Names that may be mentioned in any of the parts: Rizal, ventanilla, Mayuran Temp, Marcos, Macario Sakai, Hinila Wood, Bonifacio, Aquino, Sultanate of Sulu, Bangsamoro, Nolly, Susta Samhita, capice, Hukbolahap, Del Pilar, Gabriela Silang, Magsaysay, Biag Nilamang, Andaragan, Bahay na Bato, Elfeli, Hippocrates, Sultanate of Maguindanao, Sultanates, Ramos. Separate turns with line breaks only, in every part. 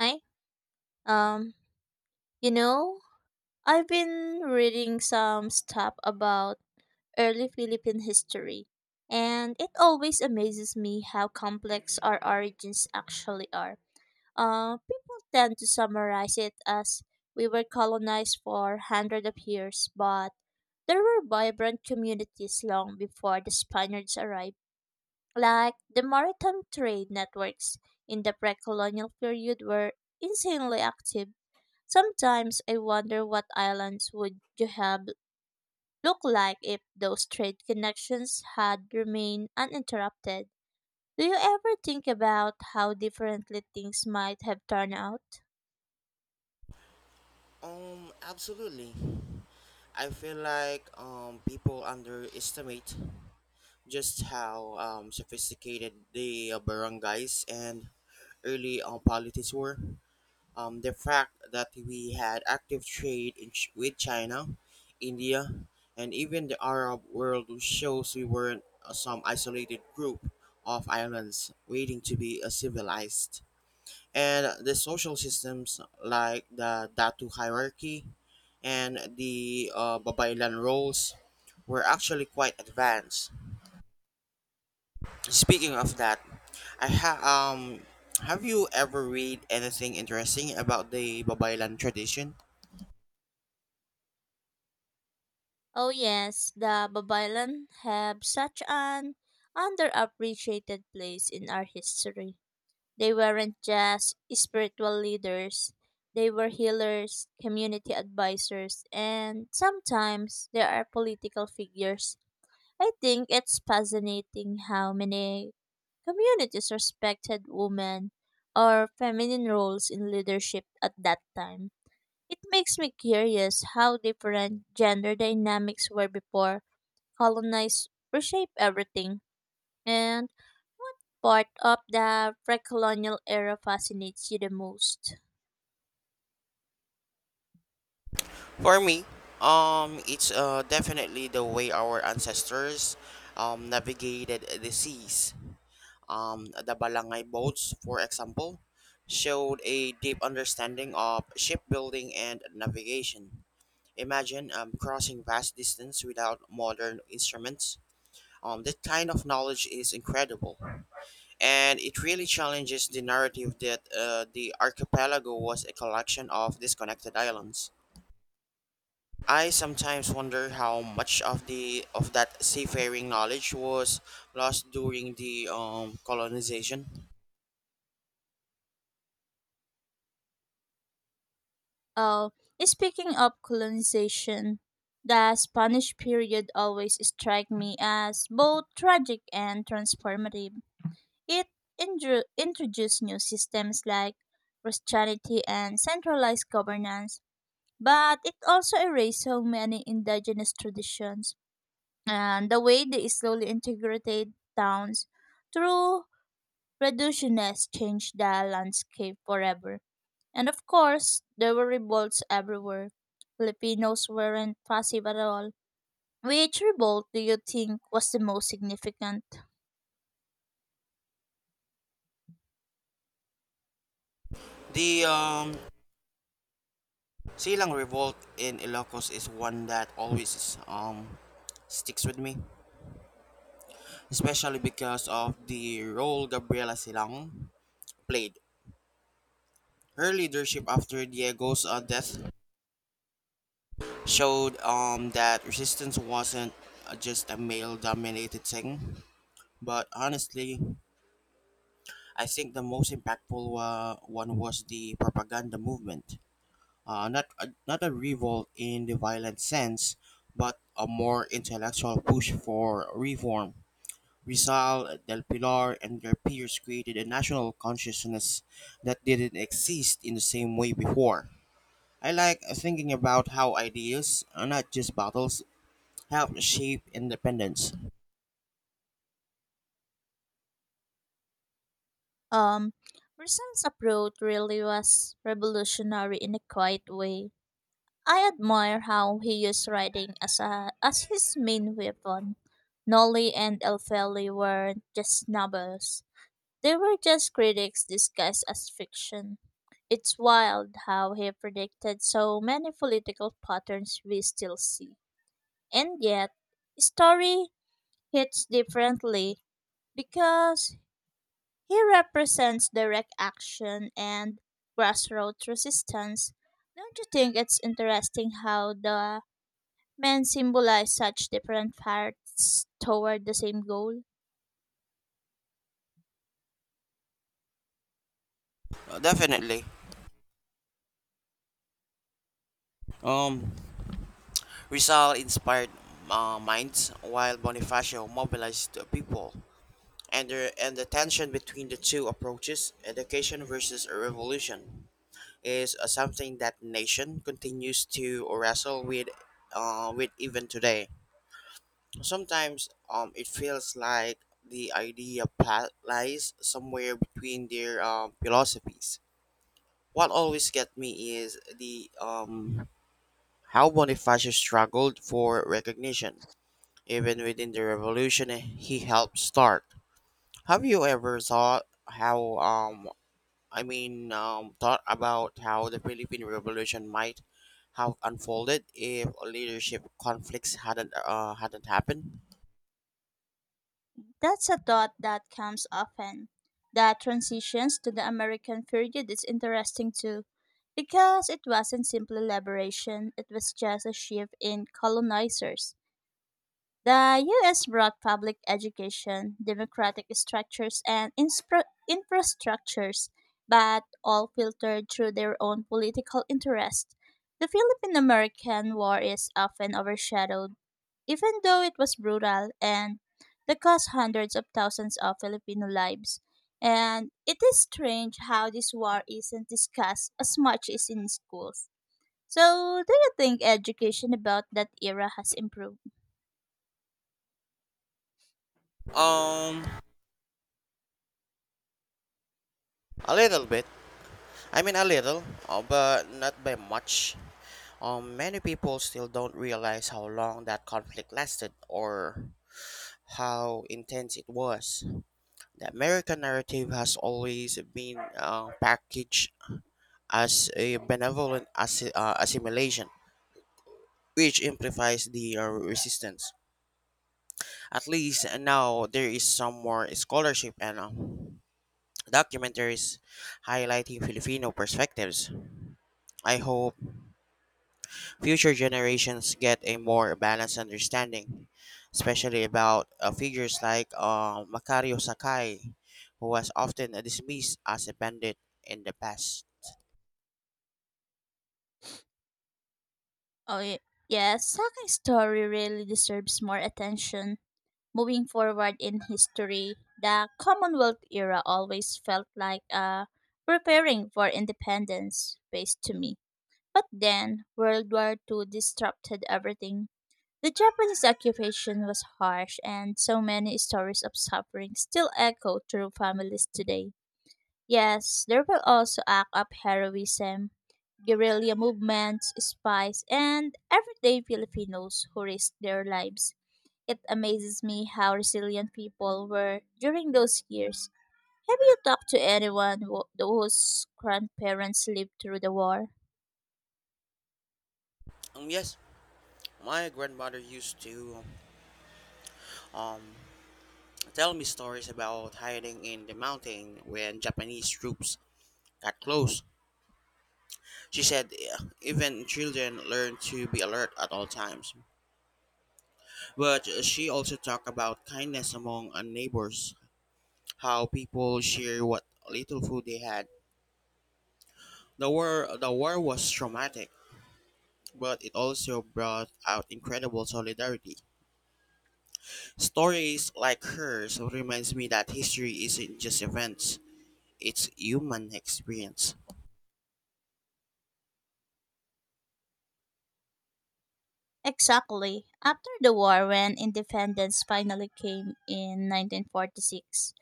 Hi. Um, you know, I've been reading some stuff about early Philippine history, and it always amazes me how complex our origins actually are. People tend to summarize it as we were colonized for hundreds of years, but there were vibrant communities long before the Spaniards arrived. Like the maritime trade networks in the pre colonial period were insanely active. Sometimes I wonder what islands would you have look like if those trade connections had remained uninterrupted. Do you ever think about how differently things might have turned out?
Absolutely. I feel like people underestimate just how sophisticated the barangays and early politics were. The fact that we had active trade in with China, India, and even the Arab world shows we weren't some isolated group of islands waiting to be civilized, and the social systems like the datu hierarchy and the babaylan roles were actually quite advanced. Speaking of that, I ha- um have you ever read anything interesting about the babaylan tradition?
Oh yes, the Babylon have such an underappreciated place in our history. They weren't just spiritual leaders. They were healers, community advisors, and sometimes they are political figures. I think it's fascinating how many communities respected women or feminine roles in leadership at that time. It makes me curious how different gender dynamics were before colonized reshape everything. And what part of the pre-colonial era fascinates you the most?
For me, it's definitely the way our ancestors navigated the seas. Um, the Balangay boats, for example, showed a deep understanding of shipbuilding and navigation. Imagine crossing vast distance without modern instruments. That kind of knowledge is incredible, and it really challenges the narrative that the archipelago was a collection of disconnected islands. I sometimes wonder how much of the of that seafaring knowledge was lost during the colonization.
Oh, speaking of colonization, the Spanish period always struck me as both tragic and transformative. It introduced new systems like Christianity and centralized governance, but it also erased so many indigenous traditions and the way they slowly integrated towns through reductionist changed the landscape forever. And of course, there were revolts everywhere. Filipinos weren't passive at all. Which revolt do you think was the most significant?
The Silang Revolt in Ilocos is one that always sticks with me, especially because of the role Gabriela Silang played. Her leadership after Diego's death showed that resistance wasn't just a male-dominated thing. But honestly, I think the most impactful one was the propaganda movement. Not a revolt in the violent sense, but a more intellectual push for reform. Rizal, Del Pilar, and their peers created a national consciousness that didn't exist in the same way before. I like thinking about how ideas, not just battles, help shape independence.
Um, Rizal's approach really was revolutionary in a quiet way. I admire how he used writing as a as his main weapon. Nolly and Elfeli weren't just novels. They were just critics disguised as fiction. It's wild how he predicted so many political patterns we still see. And yet, story hits differently because he represents direct action and grassroots resistance. Don't you think it's interesting how the men symbolize such different paths toward the same goal?
Definitely. Um, Rizal inspired minds, while Bonifacio mobilized the people. And the tension between the two approaches, education versus a revolution, is something that nation continues to wrestle with even today. Sometimes it feels like the lies somewhere between their philosophies. What always gets me is the how Bonifacio struggled for recognition, even within the revolution he helped start. Have you ever thought how I mean, Thought about how the Philippine Revolution might have unfolded if leadership conflicts hadn't happened?
That's a thought that comes often. The transitions to the American period is interesting too, because it wasn't simply liberation, it was just a shift in colonizers. The US brought public education, democratic structures, and infrastructures, but all filtered through their own political interest. The Philippine American War is often overshadowed, even though it was brutal and the cost hundreds of thousands of Filipino lives. And it is strange how this war isn't discussed as much as in schools. So, do you think education about that era has improved?
Um, a little bit. I mean, a little, but not by much. Many people still don't realize how long that conflict lasted or how intense it was. The American narrative has always been packaged as a benevolent assimilation, which amplifies the resistance. At least now there is some more scholarship and documentaries highlighting Filipino perspectives. I hope future generations get a more balanced understanding, especially about figures like Macario Sakai, who was often dismissed as a bandit in the past.
Oh, yes, Saki's story really deserves more attention. Moving forward in history, the Commonwealth era always felt like preparing for independence phase to me. But then, World War Two disrupted everything. The Japanese occupation was harsh, and so many stories of suffering still echo through families today. Yes, there will also act up heroism, guerrilla movements, spies, and everyday Filipinos who risked their lives. It amazes me how resilient people were during those years. Have you talked to whose grandparents lived through the war?
Yes, my grandmother used to um, tell me stories about hiding in the mountain when Japanese troops got close. She said, "Yeah, even children learn to be alert at all times." But she also talked about kindness among neighbors, how people share what little food they had. The war was traumatic, but it also brought out incredible solidarity. Stories like hers reminds me that history isn't just events; it's human experience.
Exactly. After the war, when independence finally came in 1946,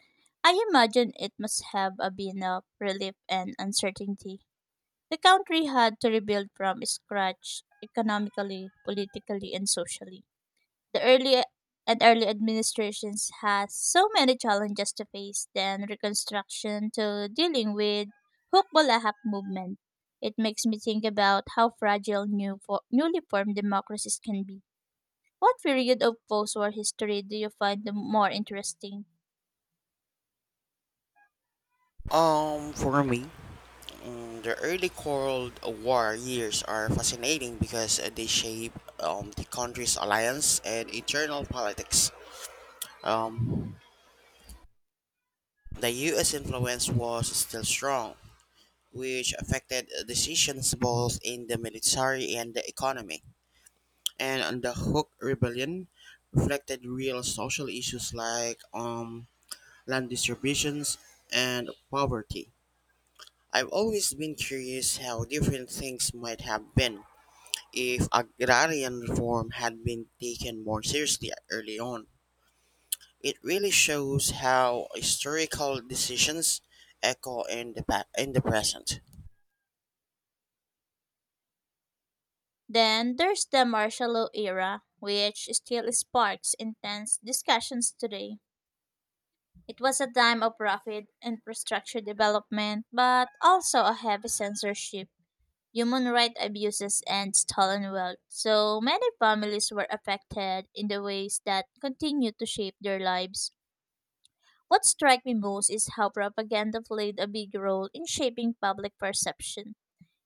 I imagine it must have a been of relief and uncertainty. The country had to rebuild from scratch economically, politically, and socially. The early administrations had so many challenges to face, then reconstruction to dealing with Hukbolahap movement. It makes me think about how fragile newly formed democracies can be. What period of post-war history do you find the more interesting?
For me, the early Cold War years are fascinating because they shape the country's alliance and internal politics. Um, the U.S. influence was still strong, which affected decisions both in the military and the economy. And on the Hook Rebellion reflected real social issues like land distributions and poverty. I've always been curious how different things might have been if agrarian reform had been taken more seriously early on. It really shows how historical decisions echo in the present.
Then there's the martial law era, which still sparks intense discussions today. It was a time of rapid infrastructure development, but also a heavy censorship, human rights abuses, and stolen wealth. So many families were affected in the ways that continue to shape their lives. What struck me most is how propaganda played a big role in shaping public perception.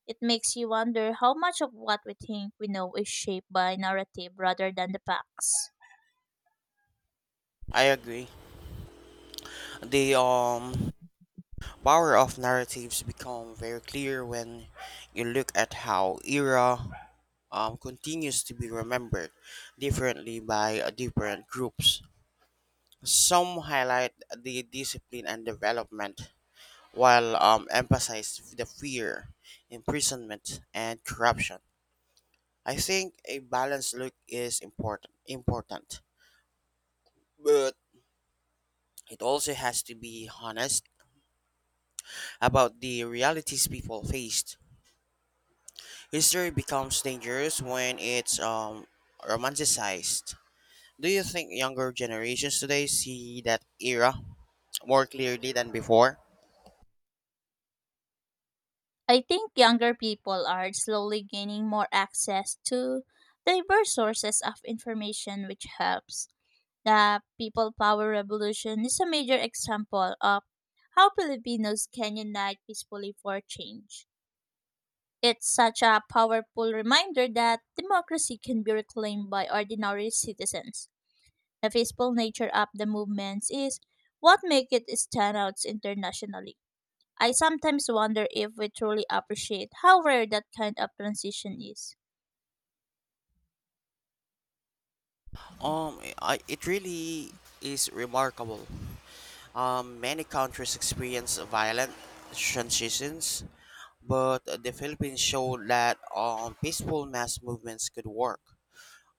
It makes you wonder how much of what we think we know is shaped by narrative rather than the facts.
I agree. The power of narratives become very clear when you look at how era continues to be remembered differently by different groups. Some highlight the discipline and development, while emphasized the fear, imprisonment, and corruption. I think a balanced look is important, but it also has to be honest about the realities people faced. History becomes dangerous when it's romanticized. Do you think younger generations today see that era more clearly than before?
I think younger people are slowly gaining more access to diverse sources of information, which helps. The People Power Revolution is a major example of how Filipinos can unite peacefully for change. It's such a powerful reminder that democracy can be reclaimed by ordinary citizens. The peaceful nature of the movements is what makes it stand out internationally. I sometimes wonder if we truly appreciate how rare that kind of transition is.
It really is remarkable. Many countries experience violent transitions, but the Philippines showed that peaceful mass movements could work.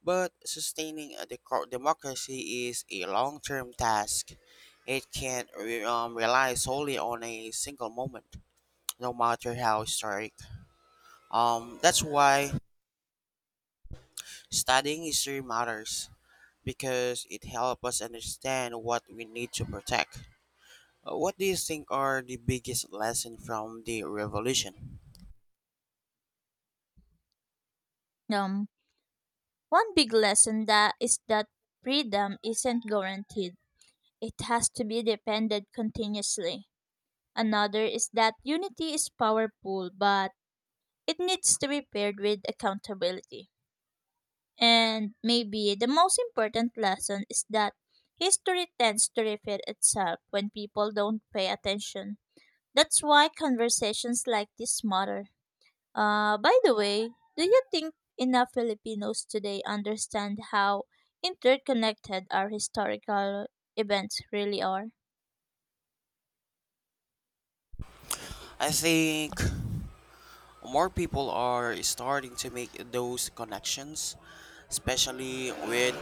But sustaining a democracy is a long term task. It can't rely solely on a single moment, no matter how historic. That's why studying history matters, because it helps us understand what we need to protect. What do you think are the biggest lesson from the revolution?
Um, One big lesson that is that freedom isn't guaranteed. It has to be defended continuously. Another is that unity is powerful, but it needs to be paired with accountability. And maybe the most important lesson is that history tends to repeat itself when people don't pay attention. That's why conversations like this matter. By the way, do you think enough Filipinos today understand how interconnected our historical events really are?
I think more people are starting to make those connections, especially with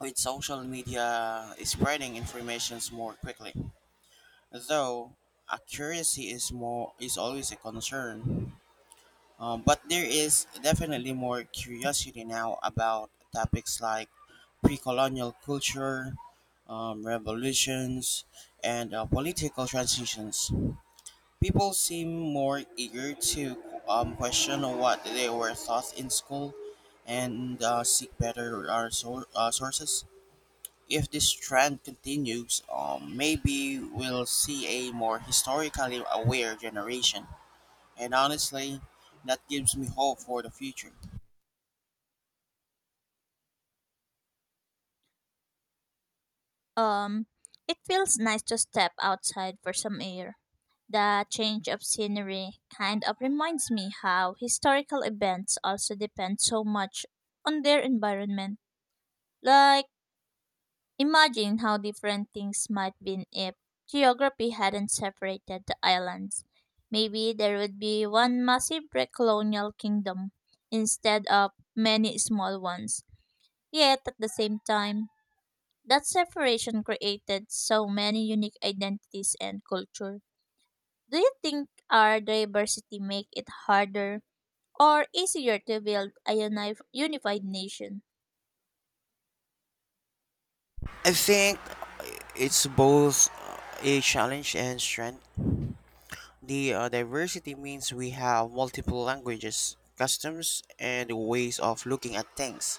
with social media spreading informations more quickly. Though accuracy is always a concern, but there is definitely more curiosity now about topics like pre-colonial culture, revolutions, and political transitions. People seem more eager to question what they were taught in school and seek better sources. If this trend continues, maybe we'll see a more historically aware generation. And honestly, that gives me hope for the future.
Um, it feels nice to step outside for some air. The change of scenery kind of reminds me how historical events also depend so much on their environment. Like, imagine how different things might been if geography hadn't separated the islands. Maybe there would be one massive pre-colonial kingdom instead of many small ones. Yet at the same time, that separation created so many unique identities and culture. Do you think our diversity make it harder or easier to build a unified nation?
I think it's both a challenge and strength. The diversity means we have multiple languages, customs, and ways of looking at things,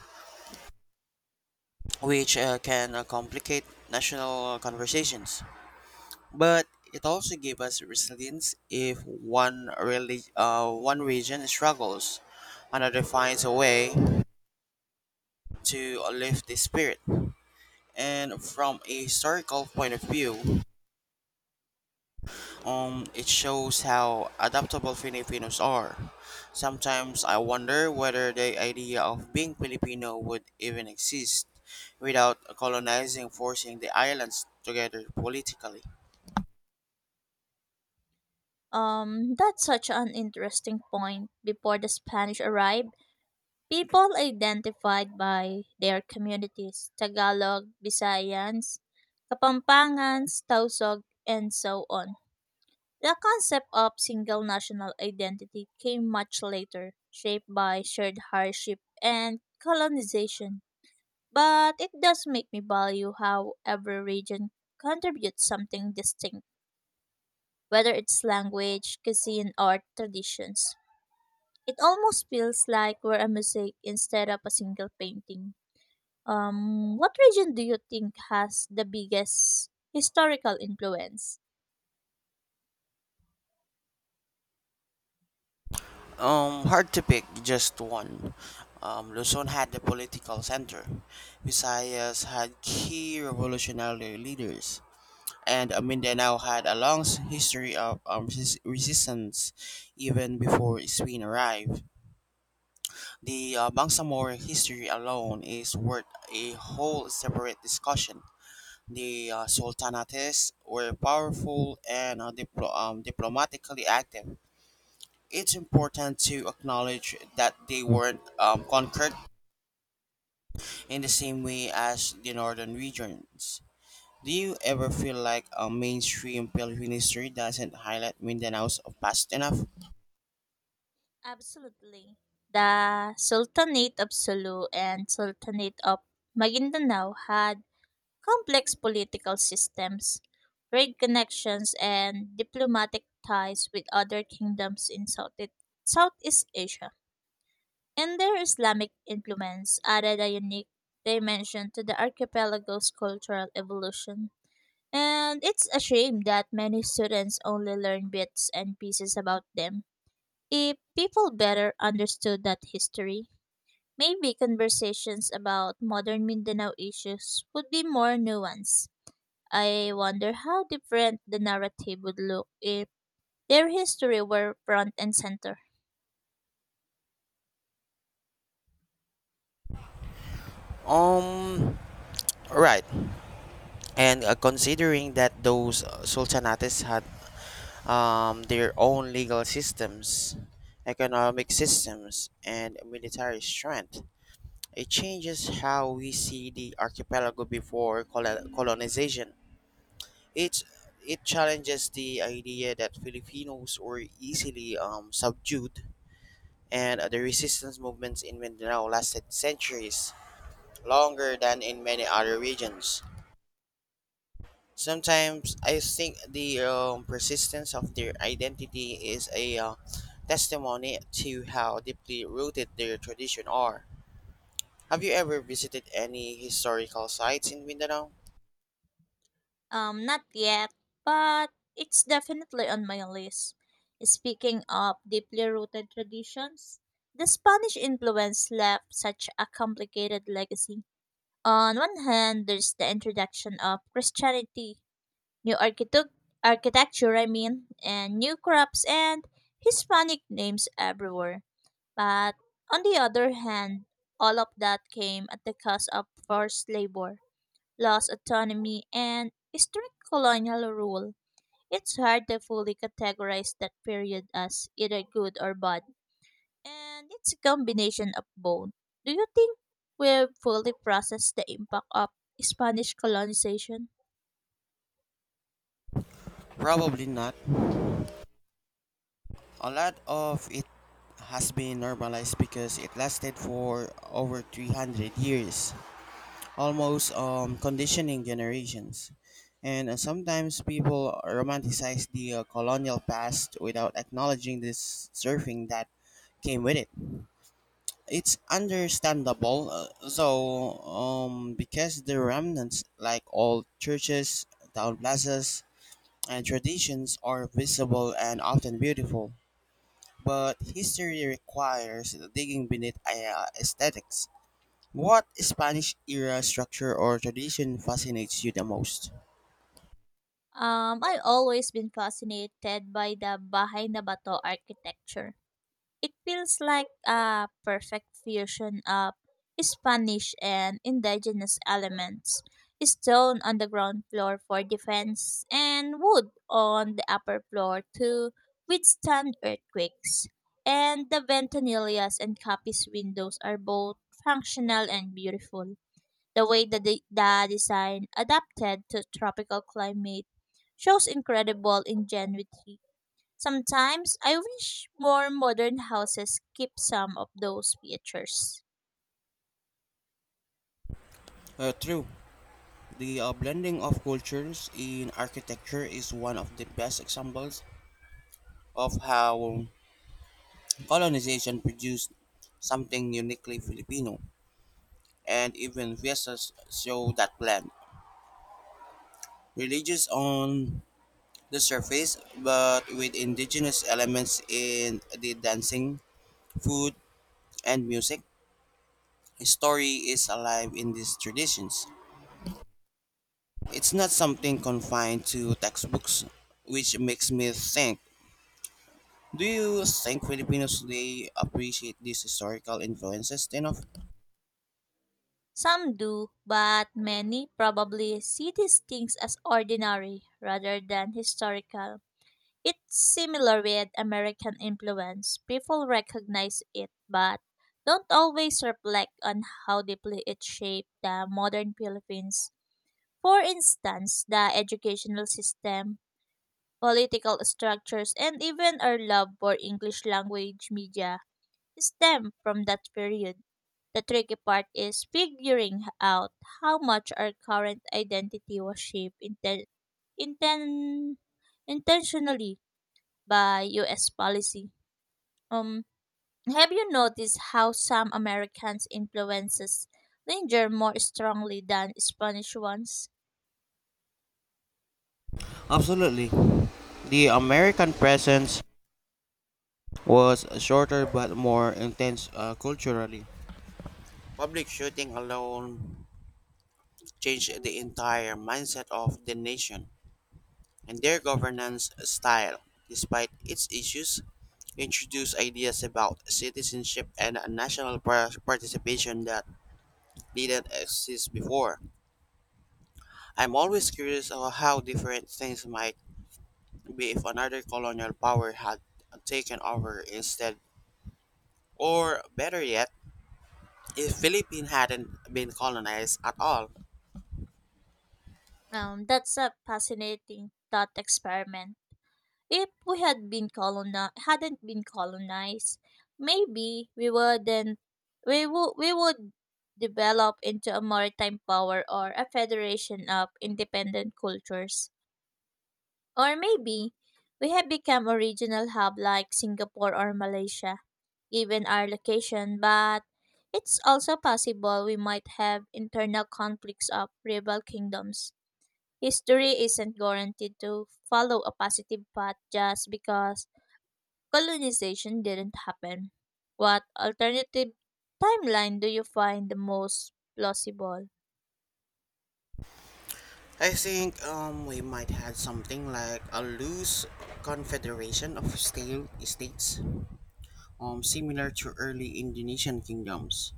which can complicate national conversations. But it also gave us resilience. If one region struggles, another finds a way to lift the spirit. And from a historical point of view, it shows how adaptable Filipinos are. Sometimes I wonder whether the idea of being Filipino would even exist without colonizing forcing the islands together politically.
That's such an interesting point. Before the Spanish arrived, people identified by their communities, Tagalog, Visayans, Kapampangans, Tausog, and so on. The concept of single national identity came much later, shaped by shared hardship and colonization. But it does make me value how every region contributes something distinct, whether it's language, cuisine, or traditions. It almost feels like we're a mosaic instead of a single painting. What region do you think has the biggest historical influence?
Hard to pick just one. Luzon had the political center. Visayas had key revolutionary leaders. And Mindanao had a long history of resistance even before Spain arrived. The Bangsamoro history alone is worth a whole separate discussion. The Sultanates were powerful and diplomatically active. It's important to acknowledge that they weren't conquered in the same way as the northern regions. Do you ever feel like a mainstream Philippine history doesn't highlight Mindanao's past enough?
Absolutely. The Sultanate of Sulu and Sultanate of Maguindanao had complex political systems, trade connections, and diplomatic ties with other kingdoms in Southeast Asia. And their Islamic influence added a unique dimension to the archipelago's cultural evolution. And it's a shame that many students only learn bits and pieces about them. If people better understood that history, maybe conversations about modern Mindanao issues would be more nuanced. I wonder how different the narrative would look if their history were front and center.
Um, right. And considering that those sultanates had their own legal systems, economic systems, and military strength, it changes how we see the archipelago before colonization. It's it challenges the idea that Filipinos were easily subdued, and the resistance movements in Mindanao lasted centuries, longer than in many other regions. Sometimes I think the persistence of their identity is a testimony to how deeply rooted their tradition are. Have you ever visited any historical sites in Mindanao?
Not yet, but it's definitely on my list. Speaking of deeply rooted traditions, the Spanish influence left such a complicated legacy. On one hand, there's the introduction of Christianity, new architecture, I mean, and new crops and Hispanic names everywhere. But on the other hand, all of that came at the cost of forced labor lost autonomy, and strict colonial rule. It's hard to fully categorize that period as either good or bad, and it's a combination of both. Do you think we've fully processed the impact of Spanish colonization?
Probably not. A lot of it has been normalized because it lasted for over 300 years, almost conditioning generations. And sometimes people romanticize the colonial past without acknowledging this surfing that came with it. It's understandable, because the remnants, like old churches, town plazas, and traditions, are visible and often beautiful, but history requires digging beneath aesthetics. What Spanish era structure or tradition fascinates you the most?
I've always been fascinated by the Bahay na Bato architecture. It feels like a perfect fusion of Spanish and indigenous elements. Stone on the ground floor for defense and wood on the upper floor to withstand earthquakes. And the ventanillas and capice windows are both functional and beautiful. The way the design adapted to tropical climate shows incredible ingenuity. Sometimes I wish more modern houses keep some of those features.
True. The blending of cultures in architecture is one of the best examples of how colonization produced something uniquely Filipino, and even fiestas show that blend. Religious on the surface, but with indigenous elements in the dancing, food, and music. History is alive in these traditions. It's not something confined to textbooks, which makes me think. Do you think Filipinos today appreciate these historical influences enough?
Some do, but many probably see these things as ordinary rather than historical. It's similar with American influence. People recognize it, but don't always reflect on how deeply it shaped the modern Philippines. For instance, the educational system, political structures, and even our love for English language media stem from that period. The tricky part is figuring out how much our current identity was shaped inten- intentionally by US policy. Um, have you noticed how some Americans' influences linger more strongly than Spanish ones?
Absolutely. The American presence was shorter but more intense culturally. Public shooting alone changed the entire mindset of the nation, and their governance style. Despite its issues, introduced ideas about citizenship and national participation that didn't exist before. I'm always curious of how different things might be if another colonial power had taken over instead, or better yet, if Philippines hadn't been colonized at all.
That's a fascinating thought experiment. If we had been hadn't been colonized, maybe we wouldn't we would develop into a maritime power or a federation of independent cultures. Or maybe we have become a regional hub like Singapore or Malaysia, given our location, but it's also possible we might have internal conflicts of rival kingdoms. History isn't guaranteed to follow a positive path just because colonization didn't happen. What alternative timeline do you find the most plausible?
I think we might have something like a loose confederation of stale states similar to early Indonesian kingdoms.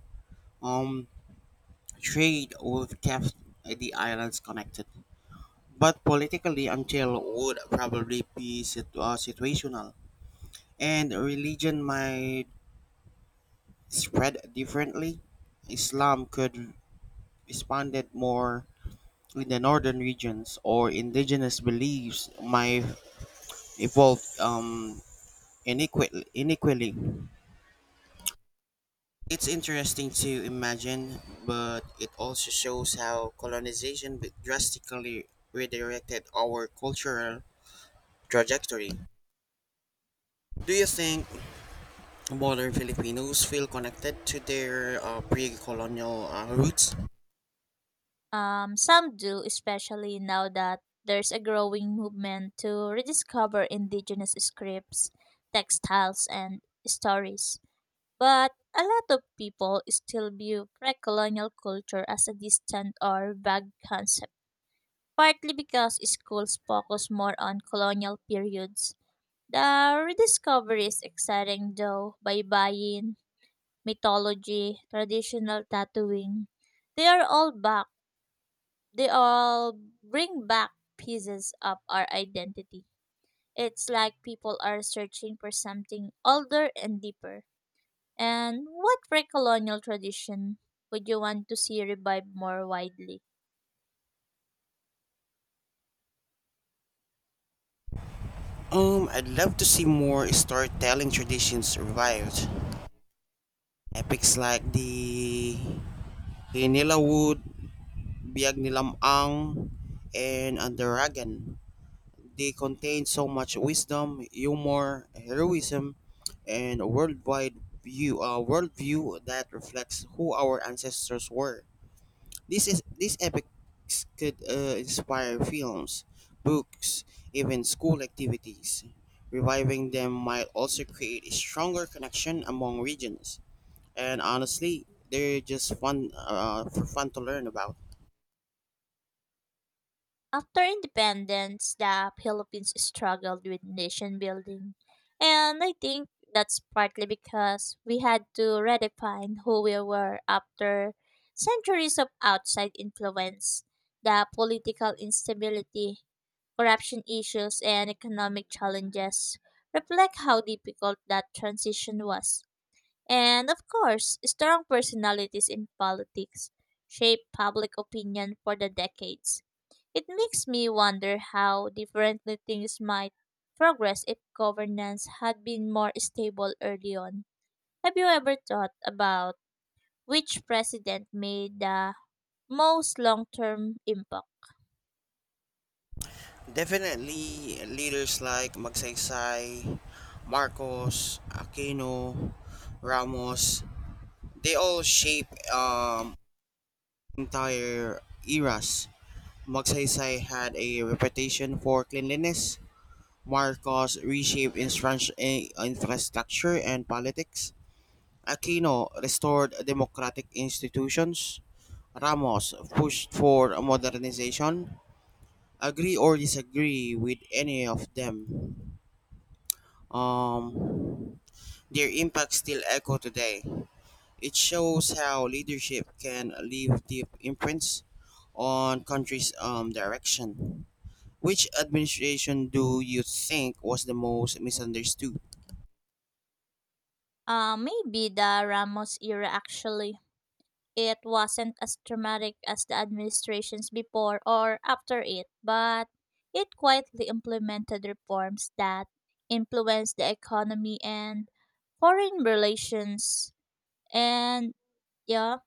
Um, trade would kept the islands connected, but politically until would probably be situational, and religion might spread differently. Islam could expanded more in the northern regions, or indigenous beliefs might evolve inequally. It's interesting to imagine, but it also shows how colonization drastically redirected our cultural trajectory. Do you think modern Filipinos feel connected to their pre-colonial roots?
Some do, especially now that there's a growing movement to rediscover indigenous scripts, textiles, and stories. But a lot of people still view pre colonial culture as a distant or vague concept, partly because schools focus more on colonial periods. The rediscovery is exciting though by buying, mythology, traditional tattooing. They are all back. They all bring back pieces of our identity. It's like people are searching for something older and deeper. And what pre-colonial tradition would you want to see revived more widely?
I'd love to see more storytelling traditions revived. Epics like the Hinila Wood, Biag Nilamang, and Andaragan. They contain so much wisdom, humor, heroism, and a worldview that reflects who our ancestors were. This is these epics could inspire films, books, even school activities. Reviving them might also create a stronger connection among regions. And honestly, they're just fun to learn about.
After independence, the Philippines struggled with nation building. And I think that's partly because we had to redefine who we were after centuries of outside influence. The political instability, corruption issues, and economic challenges reflect how difficult that transition was. And of course, strong personalities in politics shaped public opinion for the decades. It makes me wonder how differently things might progress if governance had been more stable early on. Have you ever thought about which president made the most long term impact?
Definitely leaders like Magsaysay, Marcos, Aquino, Ramos, they all shape entire eras. Magsaysay had a reputation for cleanliness. Marcos reshaped infrastructure and politics. Aquino restored democratic institutions. Ramos pushed for modernization. Agree or disagree with any of them? Um, their impacts still echo today. It shows how leadership can leave deep imprints on countries' direction. Which administration do you think was the most misunderstood?
Maybe the Ramos era actually. It wasn't as dramatic as the administrations before or after it, but it quietly implemented reforms that influenced the economy and foreign relations. And yeah,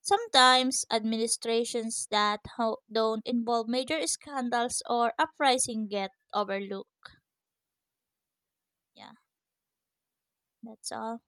sometimes administrations that don't involve major scandals or uprising get overlooked. Yeah, that's all.